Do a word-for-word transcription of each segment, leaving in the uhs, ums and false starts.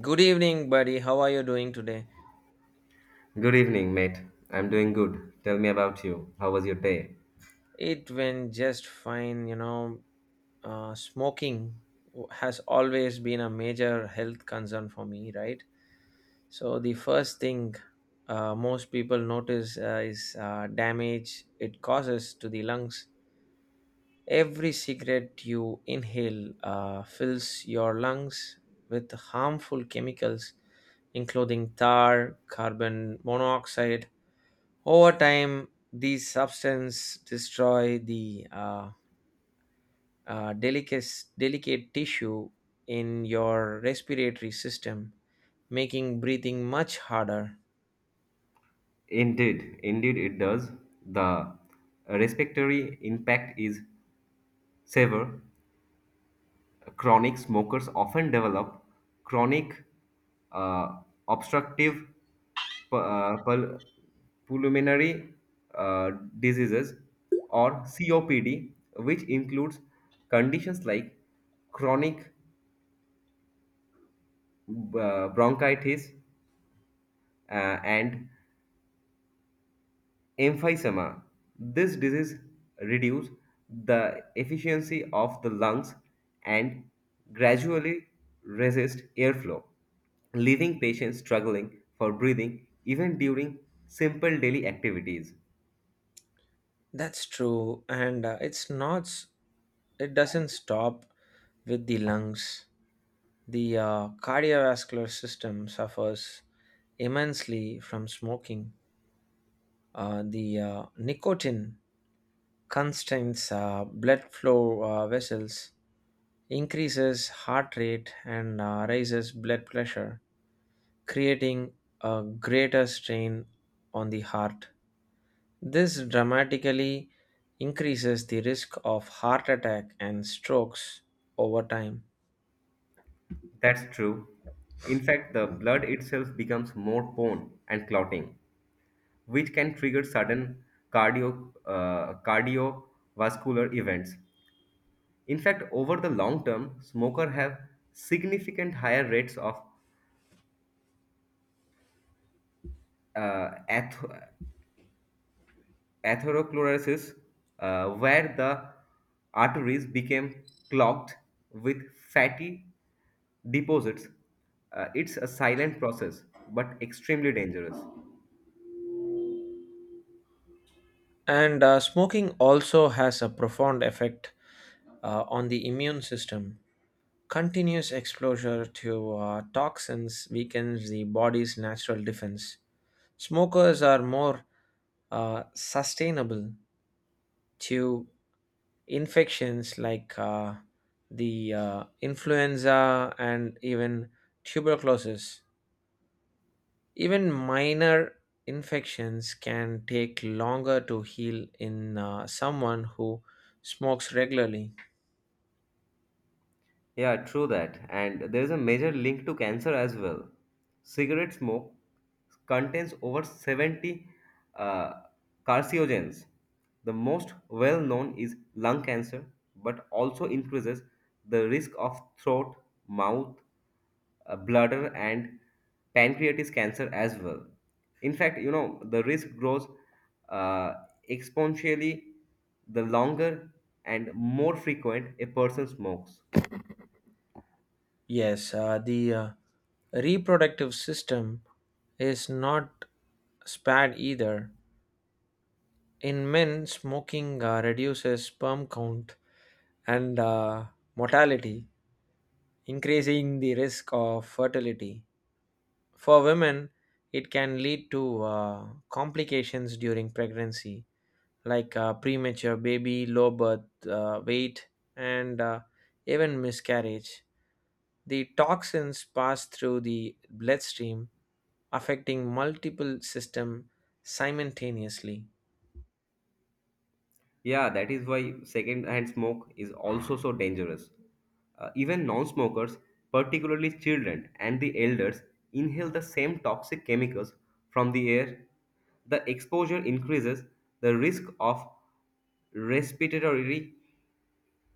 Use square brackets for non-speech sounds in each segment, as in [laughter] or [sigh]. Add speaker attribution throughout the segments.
Speaker 1: Good evening, buddy. How are you doing today?
Speaker 2: Good evening, mate. I'm doing good. Tell me about you. How was your day?
Speaker 1: It went just fine. You know, uh, smoking w- has always been a major health concern for me, right? So, the first thing uh, most people notice uh, is uh, damage it causes to the lungs. Every cigarette you inhale uh, fills your lungs with harmful chemicals, including tar, carbon monoxide. Over time, these substances destroy the uh, uh, delicate, delicate tissue in your respiratory system, making breathing much harder.
Speaker 2: Indeed, indeed it does. The respiratory impact is severe. Chronic smokers often develop chronic uh, obstructive pu- uh, pul- pulmonary uh, diseases or C O P D, which includes conditions like chronic uh, bronchitis uh, and emphysema. This disease reduces the efficiency of the lungs and gradually resist airflow, leaving patients struggling for breathing even during simple daily activities.
Speaker 1: That's true, and uh, it's not. S- it doesn't stop with the lungs. The uh, cardiovascular system suffers immensely from smoking. Uh, the uh, nicotine constrains uh, blood flow uh, vessels, increases heart rate and uh, raises blood pressure, creating a greater strain on the heart. This dramatically increases the risk of heart attack and strokes over time.
Speaker 2: That's true. In fact, the blood itself becomes more prone and clotting, which can trigger sudden cardio uh, cardiovascular events. In fact, over the long term, smokers have significant higher rates of uh, ath- atherosclerosis, uh, where the arteries became clogged with fatty deposits. Uh, it's a silent process, but extremely dangerous.
Speaker 1: And uh, Smoking also has a profound effect uh, on the immune system. Continuous exposure to uh, toxins weakens the body's natural defense. Smokers are more uh, sustainable to infections like uh, the uh, influenza and even tuberculosis. Even minor infections can take longer to heal in uh, someone who smokes regularly.
Speaker 2: Yeah, true that. And there is a major link to cancer as well. Cigarette smoke contains over seventy uh, carcinogens. The most well known is lung cancer, but also increases the risk of throat, mouth, uh, bladder, and pancreatic cancer as well. In fact, you know, the risk grows uh, exponentially the longer and more frequent a person smokes.
Speaker 1: Yes, uh, the uh, reproductive system is not spared either. In men, smoking uh, reduces sperm count and uh, mortality, increasing the risk of fertility. For women, it can lead to uh, complications during pregnancy, like uh, premature baby, low birth uh, weight, and uh, even miscarriage. The toxins pass through the bloodstream, affecting multiple systems simultaneously.
Speaker 2: Yeah, that is why second-hand smoke is also so dangerous. Uh, even non-smokers, particularly children and the elders, inhale the same toxic chemicals from the air. The exposure increases the risk of respiratory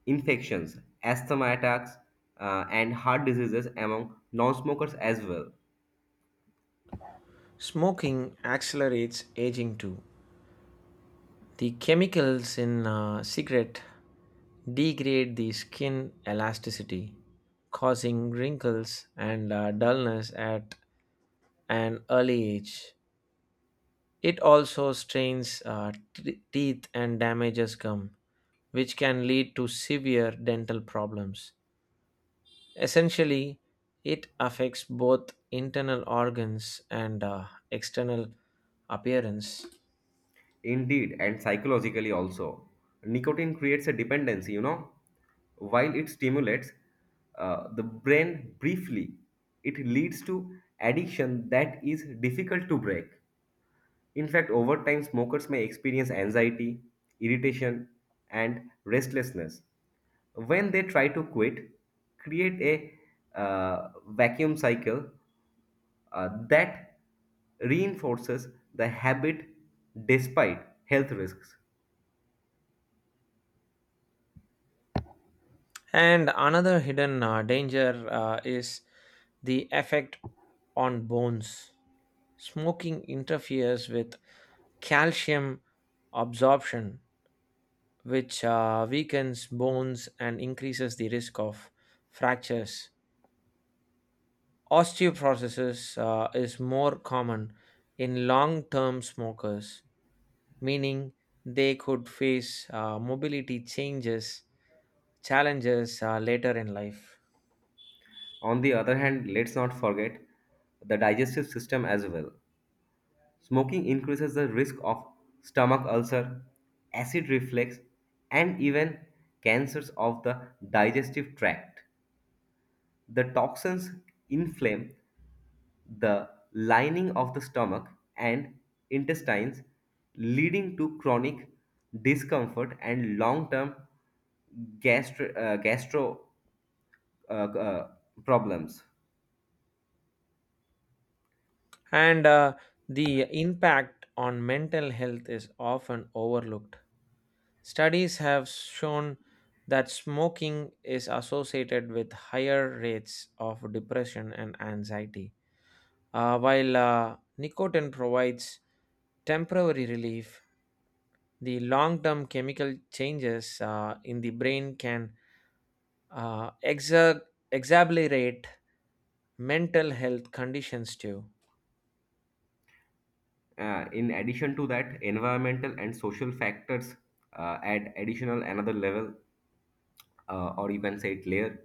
Speaker 2: infections, asthma attacks, uh, and heart diseases among non-smokers as well.
Speaker 1: Smoking accelerates aging too. The chemicals in uh, cigarette degrade the skin elasticity, causing wrinkles and uh, dullness at an early age. It also strains uh, t- teeth and damages gum, which can lead to severe dental problems. Essentially, it affects both internal organs and uh, external appearance.
Speaker 2: Indeed, and psychologically also. Nicotine creates a dependency, you know. While it stimulates uh, the brain briefly, it leads to addiction that is difficult to break. In fact, over time, smokers may experience anxiety, irritation, and restlessness. When they try to quit, create a uh, vacuum cycle uh, that reinforces the habit despite health risks.
Speaker 1: And another hidden uh, danger uh, is the effect on bones. Smoking interferes with calcium absorption, which uh, weakens bones and increases the risk of fractures. Osteoporosis uh, is more common in long term smokers, meaning they could face uh, mobility changes challenges uh, later in life.
Speaker 2: On the other hand, let's not forget the digestive system as well. Smoking increases the risk of stomach ulcer, acid reflux, and even cancers of the digestive tract. The toxins inflame the lining of the stomach and intestines, leading to chronic discomfort and long term gastro, uh, gastro uh, uh, problems.
Speaker 1: and uh, the impact on mental health is often overlooked. Studies have shown that smoking is associated with higher rates of depression and anxiety. Uh, while uh, nicotine provides temporary relief, the long term chemical changes uh, in the brain can uh, exa- exacerbate mental health conditions too.
Speaker 2: Uh, in addition to that, environmental and social factors uh, add additional another level, uh, or you can say it layer.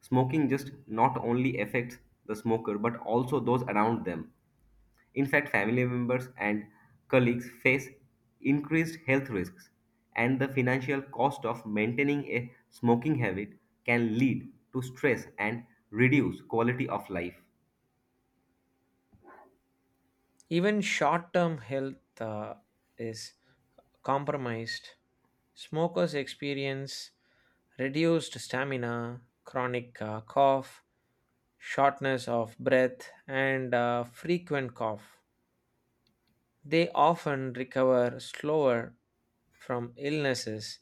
Speaker 2: Smoking just not only affects the smoker but also those around them. In fact, family members and colleagues face increased health risks, and the financial cost of maintaining a smoking habit can lead to stress and reduce quality of life.
Speaker 1: Even short term health uh, is compromised. Smokers experience reduced stamina, chronic uh, cough, shortness of breath, and uh, frequent cough. They often recover slower from illnesses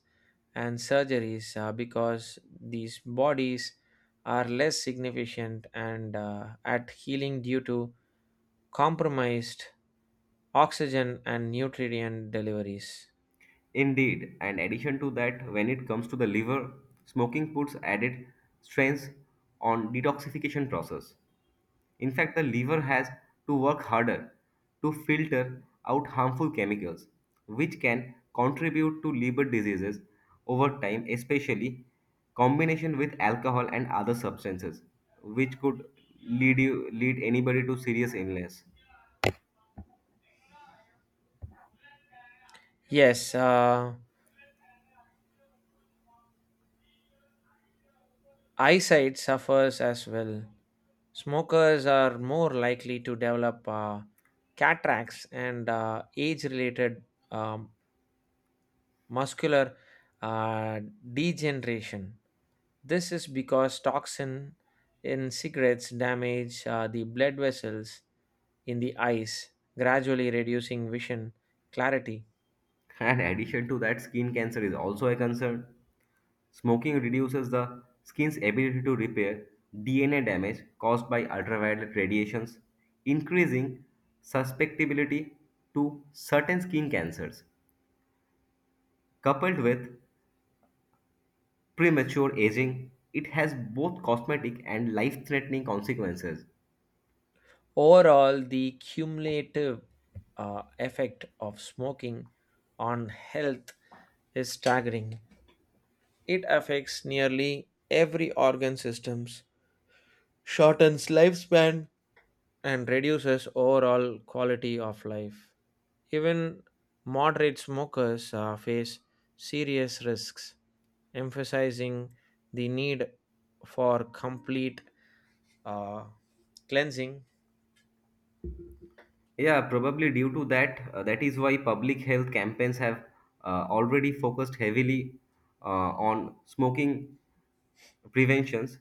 Speaker 1: and surgeries uh, because these bodies are less significant and uh, at healing due to compromised oxygen and nutrient deliveries.
Speaker 2: Indeed, and addition to that, when it comes to the liver, smoking puts added strains on detoxification process. In fact, the liver has to work harder to filter out harmful chemicals, which can contribute to liver diseases over time, especially combination with alcohol and other substances, which could lead you lead anybody to serious illness.
Speaker 1: Yes, uh, Eyesight suffers as well. Smokers are more likely to develop uh, cataracts and uh, age related um, muscular uh, degeneration. This is because toxin in cigarettes damage uh, the blood vessels in the eyes, gradually reducing vision clarity.
Speaker 2: [laughs] And addition to that, skin cancer is also a concern. Smoking reduces the skin's ability to repair D N A damage caused by ultraviolet radiations, increasing susceptibility to certain skin cancers. Coupled with premature aging, it has both cosmetic and life-threatening consequences.
Speaker 1: Overall, the cumulative uh, effect of smoking on health is staggering. It affects nearly every organ systems, shortens lifespan, and reduces overall quality of life. Even moderate smokers uh, face serious risks, emphasizing the need for complete uh, cleansing.
Speaker 2: Yeah, probably due to that, uh, that is why public health campaigns have uh, already focused heavily uh, on smoking preventions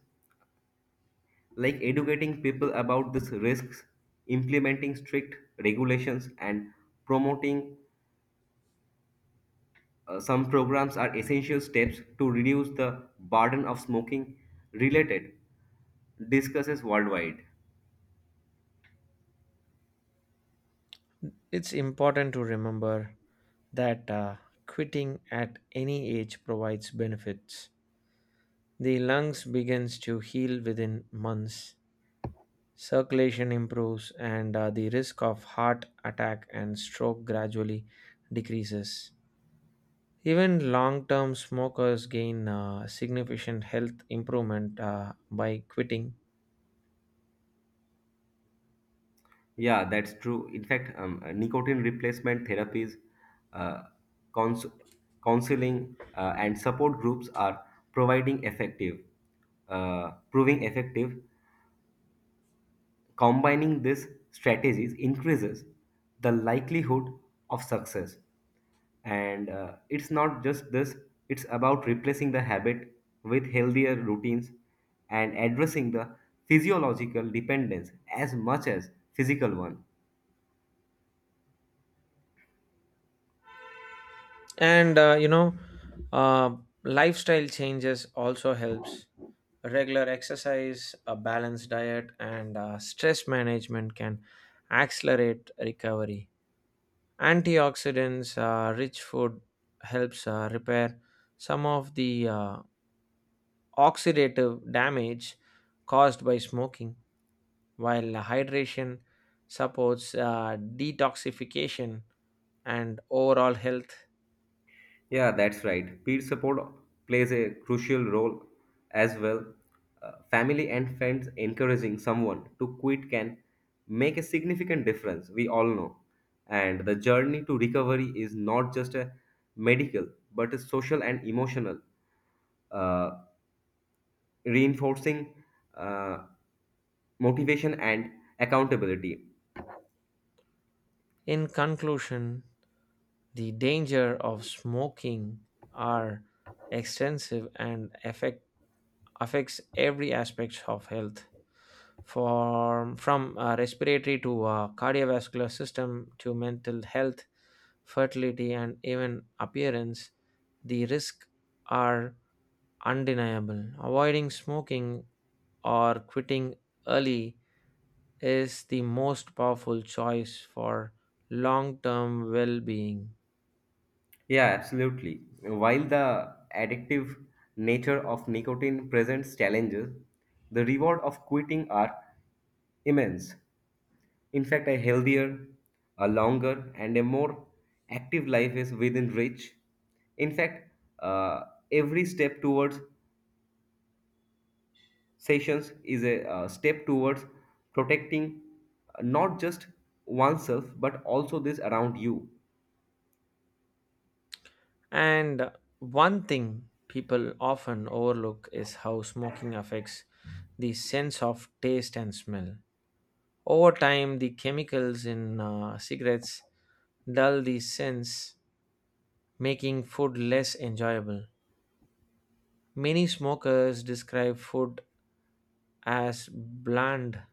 Speaker 2: like educating people about these risks, implementing strict regulations, and promoting uh, some programs are essential steps to reduce the burden of smoking related discusses worldwide.
Speaker 1: It's important to remember that uh, quitting at any age provides benefits. The lungs begins to heal within months, circulation improves, and uh, the risk of heart attack and stroke gradually decreases. Even long-term smokers gain uh, significant health improvement uh, by quitting,
Speaker 2: Yeah, that's true. In fact, um, uh, nicotine replacement therapies, uh, cons- counseling, uh, and support groups are providing effective, uh, proving effective. Combining these strategies increases the likelihood of success. And uh, it's not just this, it's about replacing the habit with healthier routines and addressing the physiological dependence as much as physical one.
Speaker 1: and uh, you know, uh, lifestyle changes also helps regular exercise, a balanced diet, and uh, stress management can accelerate recovery. Antioxidants, uh, rich food helps uh, repair some of the uh, oxidative damage caused by smoking, while hydration supports uh, detoxification and overall health.
Speaker 2: Yeah, that's right. Peer support plays a crucial role as well. Uh, family and friends encouraging someone to quit can make a significant difference, we all know. And the journey to recovery is not just a medical, but a social and emotional, uh, reinforcing uh, motivation and accountability.
Speaker 1: In conclusion, the danger of smoking are extensive and affect. Affects every aspect of health from, from uh, respiratory to uh, cardiovascular system to mental health, fertility, and even appearance. The risks are undeniable. Avoiding smoking or quitting early is the most powerful choice for long-term well-being.
Speaker 2: Yeah, absolutely. While the addictive nature of nicotine presents challenges, the reward of quitting are immense. In fact, a healthier, a longer, and a more active life is within reach. In fact, uh, every step towards sessions is a uh, step towards protecting uh, not just oneself but also this around you.
Speaker 1: And one thing people often overlook is how smoking affects the sense of taste and smell. Over time, the chemicals in uh, cigarettes dull the sense, making food less enjoyable. Many smokers describe food as bland,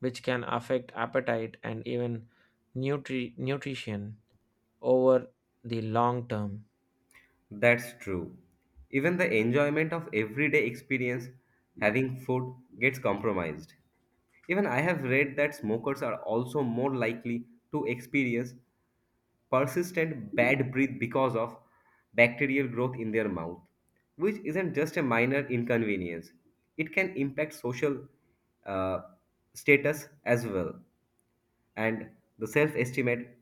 Speaker 1: which can affect appetite and even nutri- nutrition over the long term.
Speaker 2: That's true. Even the enjoyment of everyday experience, having food, gets compromised. Even I have read that smokers are also more likely to experience persistent bad breath because of bacterial growth in their mouth, which isn't just a minor inconvenience. It can impact social uh, status as well and the self estimate.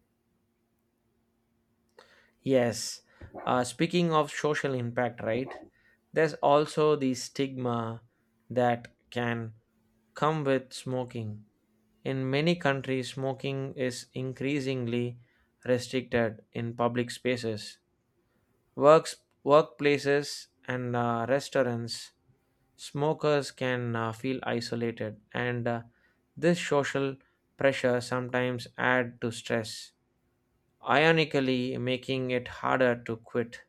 Speaker 1: Yes. Uh, speaking of social impact, right? There's also the stigma that can come with smoking. In many countries, smoking is increasingly restricted in public spaces, works, workplaces, and uh, restaurants. Smokers can uh, feel isolated, and uh, this social pressure sometimes add to stress, ironically making it harder to quit.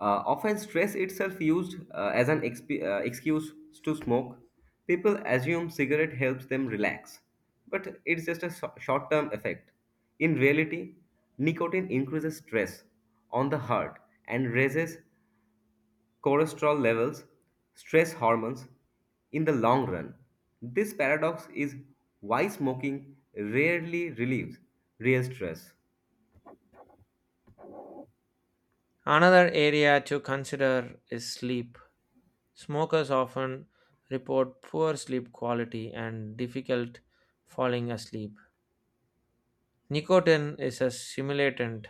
Speaker 2: Uh, often, stress itself used uh, as an exp- uh, excuse to smoke. People assume cigarette helps them relax, but it's just a short term effect. In reality, nicotine increases stress on the heart and raises cholesterol levels, stress hormones, in the long run. This paradox is why smoking rarely relieves real stress.
Speaker 1: Another area to consider is sleep. Smokers often report poor sleep quality and difficult falling asleep. Nicotine is a stimulant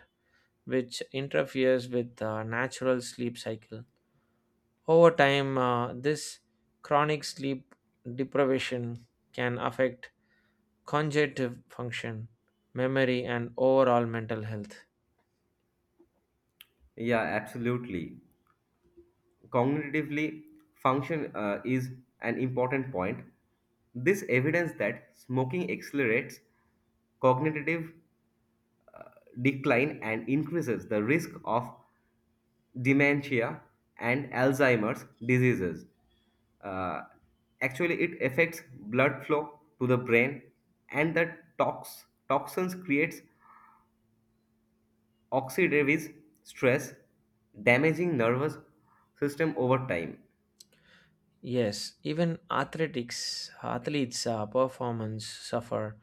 Speaker 1: which interferes with the natural sleep cycle. Over time, uh, this chronic sleep deprivation can affect cognitive function, memory, and overall mental health.
Speaker 2: Yeah, absolutely. Cognitively, function uh, is an important point. This evidence that smoking accelerates cognitive decline and increases the risk of dementia and Alzheimer's diseases. Uh, Actually, it affects blood flow to the brain and the tox, toxins creates oxidative stress, damaging nervous system over time.
Speaker 1: Yes, even athletics athletes' uh, performance suffer.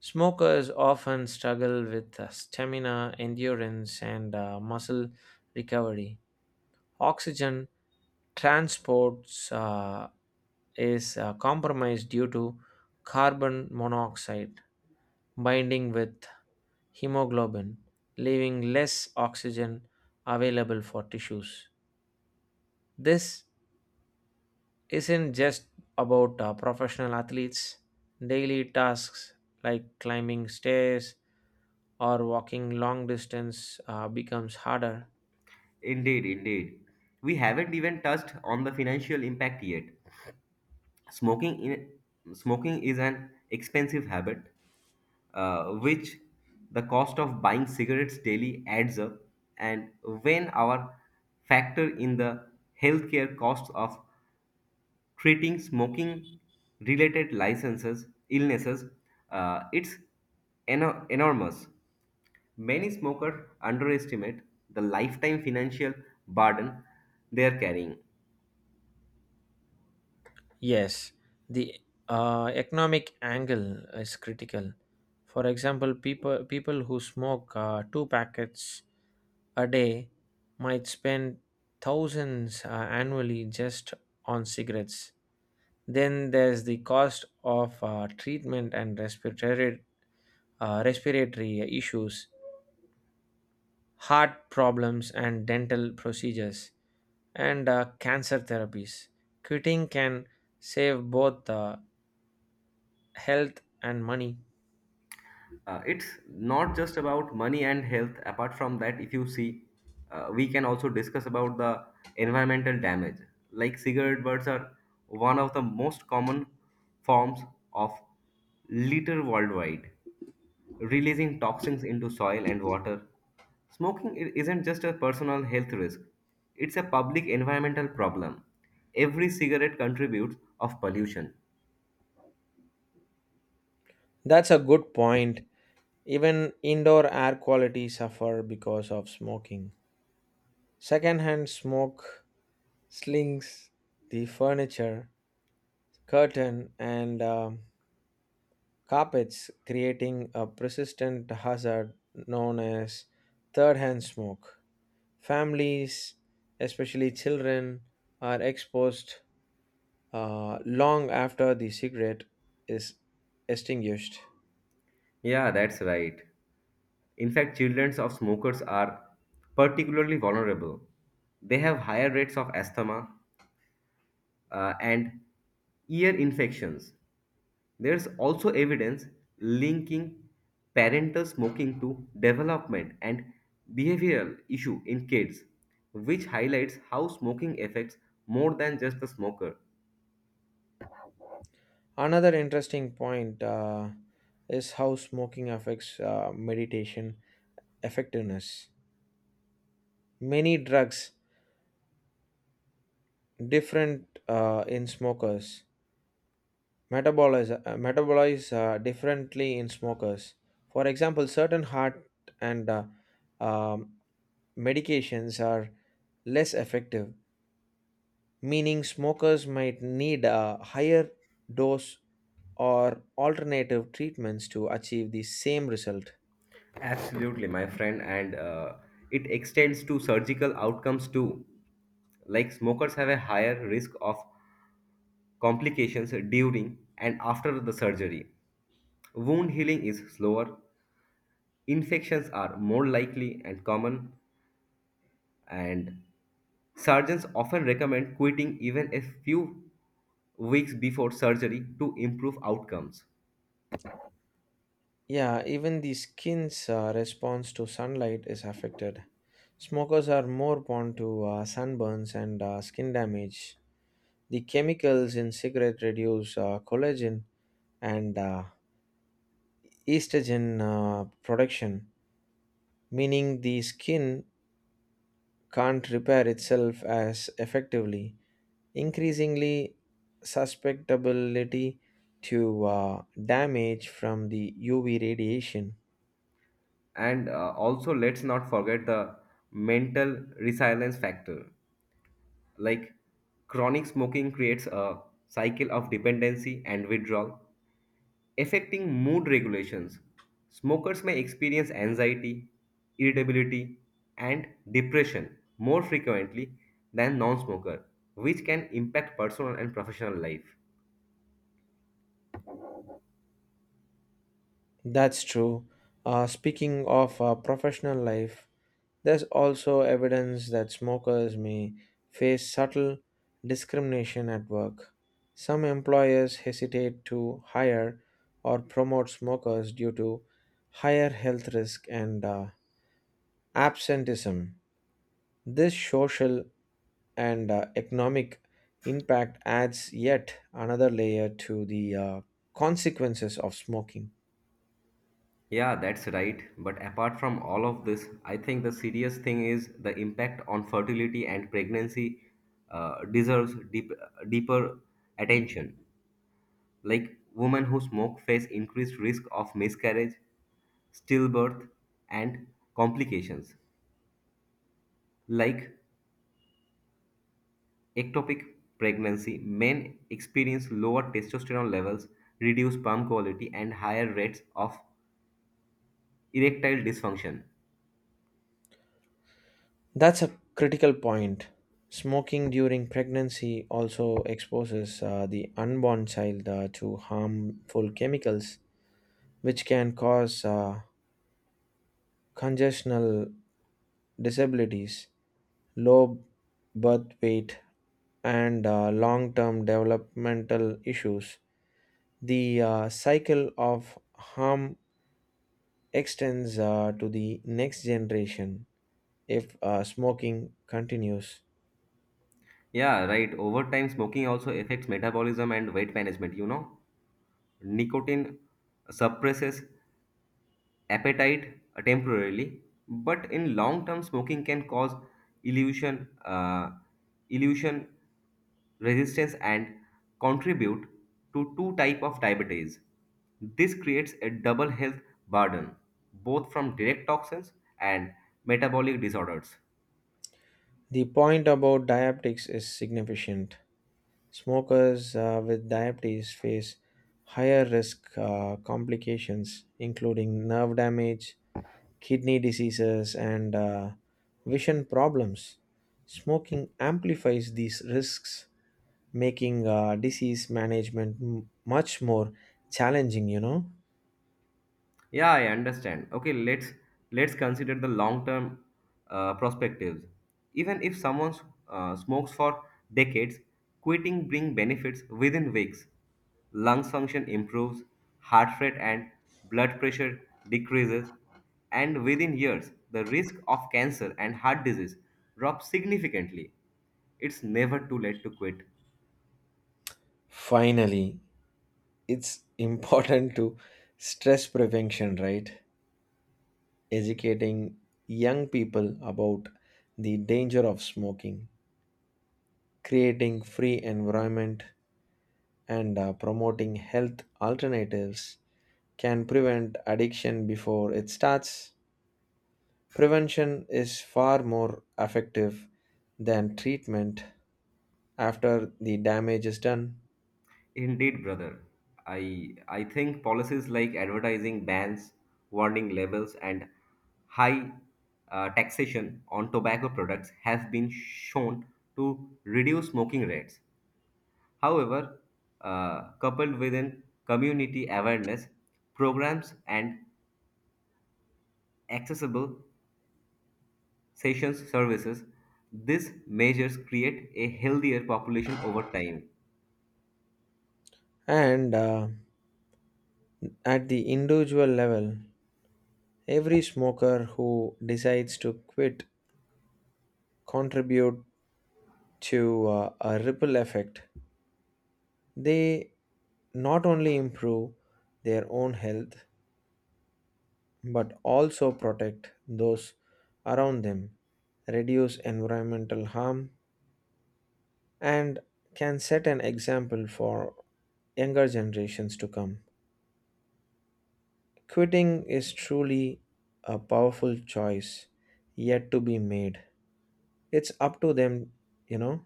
Speaker 1: Smokers often struggle with uh, stamina, endurance, and uh, muscle recovery. Oxygen transports uh, is uh, compromised due to carbon monoxide binding with hemoglobin, leaving less oxygen available for tissues. This isn't just about uh, professional athletes. Daily tasks like climbing stairs or walking long distance uh, becomes harder.
Speaker 2: Indeed, indeed. We haven't even touched on the financial impact yet. Smoking in, smoking is an expensive habit, uh, which the cost of buying cigarettes daily adds up, and when our factor in the healthcare costs of treating smoking related licenses illnesses, uh, it's eno- enormous. Many smokers underestimate the lifetime financial burden they are carrying.
Speaker 1: Yes, the uh, economic angle is critical. For example, people people who smoke uh, two packets a day might spend thousands uh, annually just on cigarettes. Then there's the cost of uh, treatment and respiratory uh, respiratory issues, heart problems, and dental procedures, and uh, cancer therapies. Quitting can save both uh, health and money.
Speaker 2: Uh, it's not just about money and health. Apart from that, if you see, uh, we can also discuss about the environmental damage. Like, cigarette butts are one of the most common forms of litter worldwide, releasing toxins into soil and water. smoking i- isn't just a personal health risk, it's a public environmental problem. Every cigarette contributes of pollution.
Speaker 1: That's a good point. Even indoor air quality suffer because of smoking. Secondhand smoke slings the furniture, curtain, and um, carpets, creating a persistent hazard known as third hand smoke. Families, especially children, are exposed uh, long after the cigarette is extinguished.
Speaker 2: Yeah, that's right. In fact, children of smokers are particularly vulnerable. They have higher rates of asthma uh, and ear infections. There's also evidence linking parental smoking to development and behavioral issue in kids, which highlights how smoking affects more than just the smoker.
Speaker 1: Another interesting point uh, is how smoking affects uh, meditation effectiveness. Many drugs different uh, in smokers metabolize uh, metabolize uh, differently in smokers. For example, certain heart and uh, um medications are less effective, meaning smokers might need a higher dose or alternative treatments to achieve the same result.
Speaker 2: Absolutely, my friend, and uh, it extends to surgical outcomes too. Like, smokers have a higher risk of complications during and after the surgery. Wound healing is slower, infections are more likely and common, and surgeons often recommend quitting even a few weeks before surgery to improve outcomes.
Speaker 1: Yeah, even the skin's uh, response to sunlight is affected. Smokers are more prone to uh, sunburns and uh, skin damage. The chemicals in cigarette reduce uh, collagen and uh, estrogen uh, production, meaning the skin can't repair itself as effectively, increasingly susceptibility to uh, damage from the U V radiation.
Speaker 2: And uh, also, let's not forget the mental resilience factor. Like, chronic smoking creates a cycle of dependency and withdrawal, affecting mood regulations. Smokers may experience anxiety, irritability, and depression more frequently than non-smoker, which can impact personal and professional life.
Speaker 1: That's true. Uh, speaking of uh, professional life, there's also evidence that smokers may face subtle discrimination at work. Some employers hesitate to hire or promote smokers due to higher health risk and uh, absenteeism. This social and uh, economic impact adds yet another layer to the uh, consequences of smoking.
Speaker 2: Yeah, that's right. But apart from all of this, I think the serious thing is the impact on fertility and pregnancy uh, deserves deep, deeper attention. Like, women who smoke face increased risk of miscarriage, stillbirth, and complications like ectopic pregnancy. Men experience lower testosterone levels, reduced sperm quality, and higher rates of erectile dysfunction.
Speaker 1: That's a critical point. Smoking during pregnancy also exposes uh, the unborn child uh, to harmful chemicals, which can cause uh, congestional disabilities, low birth weight, and uh, long term developmental issues. The uh, cycle of harm extends uh, to the next generation if uh, smoking continues.
Speaker 2: Yeah, right. Over time, smoking also affects metabolism and weight management. You know, nicotine suppresses appetite uh, temporarily, but in long term, smoking can cause illusion, uh, illusion resistance, and contribute to two type of diabetes. This creates a double health burden, both from direct toxins and metabolic disorders.
Speaker 1: The point about diabetics is significant. Smokers uh, with diabetes face higher risk uh, complications, including nerve damage, kidney diseases, and uh, vision problems. Smoking amplifies these risks, making uh, disease management m- much more challenging, you know.
Speaker 2: Yeah, I understand. Okay, let's let's consider the long-term uh, perspectives. Even if someone uh, smokes for decades, quitting brings benefits within weeks. Lung function improves, heart rate and blood pressure decreases, and within years, the risk of cancer and heart disease drops significantly. It's never too late to quit.
Speaker 1: Finally, it's important to stress prevention, right? Educating young people about the danger of smoking, creating free environment, and uh, promoting health alternatives can prevent addiction before it starts. Prevention is far more effective than treatment after the damage is done.
Speaker 2: Indeed, brother. I I think policies like advertising bans, warning labels, and high uh, taxation on tobacco products have been shown to reduce smoking rates. However, uh, coupled with an community awareness programs and accessible sessions services, these measures create a healthier population over time.
Speaker 1: And uh, At the individual level, every smoker who decides to quit contribute to uh, a ripple effect. They not only improve their own health but also protect those around them, reduce environmental harm, and can set an example for younger generations to come. Quitting is truly a powerful choice yet to be made. It's up to them, you know.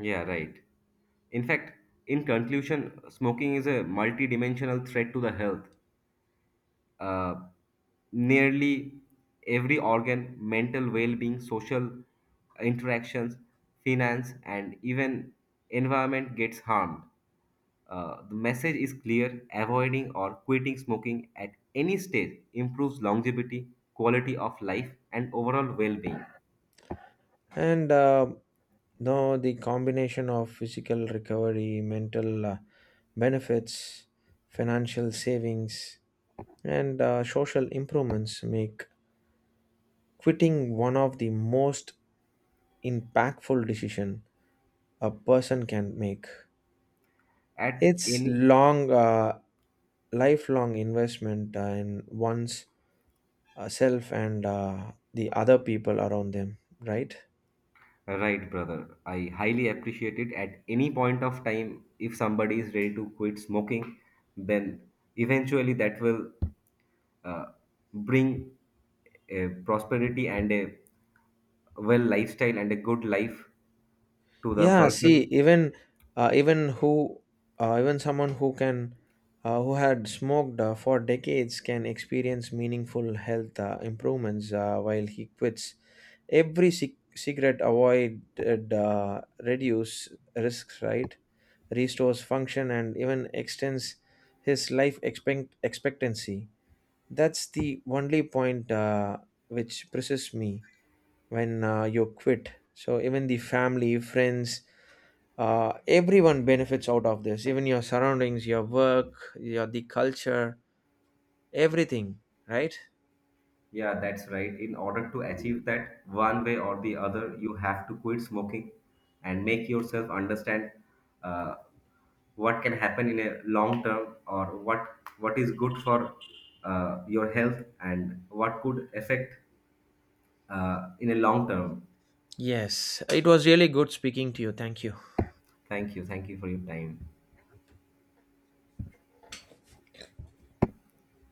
Speaker 2: Yeah, right. In fact, in conclusion, smoking is a multidimensional threat to the health. Uh, nearly every organ, mental well being, social interactions, finance, and even environment gets harmed. Uh, the message is clear: avoiding or quitting smoking at any stage improves longevity, quality of life, and overall well being
Speaker 1: and uh, no the combination of physical recovery mental uh, benefits, financial savings, and uh, social improvements make quitting one of the most impactful decision a person can make.
Speaker 2: at
Speaker 1: It's
Speaker 2: any.
Speaker 1: long uh, lifelong investment uh, in one's uh, self and uh, the other people around them, right?
Speaker 2: Right, brother. I highly appreciate it. At any point of time, if somebody is ready to quit smoking, then eventually that will uh, bring a prosperity and a well lifestyle and a good life to the
Speaker 1: Yeah, see,
Speaker 2: person.
Speaker 1: even uh, even who uh, even someone who can uh, who had smoked uh, for decades can experience meaningful health uh, improvements uh, while he quits. Every cig- cigarette avoided uh, reduce risks, right? Restores function and even extends his life expect- expectancy. That's the only point uh, which presses me when uh, you quit. So even the family, friends, uh, everyone benefits out of this, even your surroundings, your work, your the culture, everything, right?
Speaker 2: Yeah, that's right. In order to achieve that, one way or the other, you have to quit smoking and make yourself understand uh, what can happen in a long term, or what what is good for uh, your health and what could affect uh, in a long term.
Speaker 1: Yes, it was really good speaking to you. Thank you.
Speaker 2: Thank you. Thank you for your time.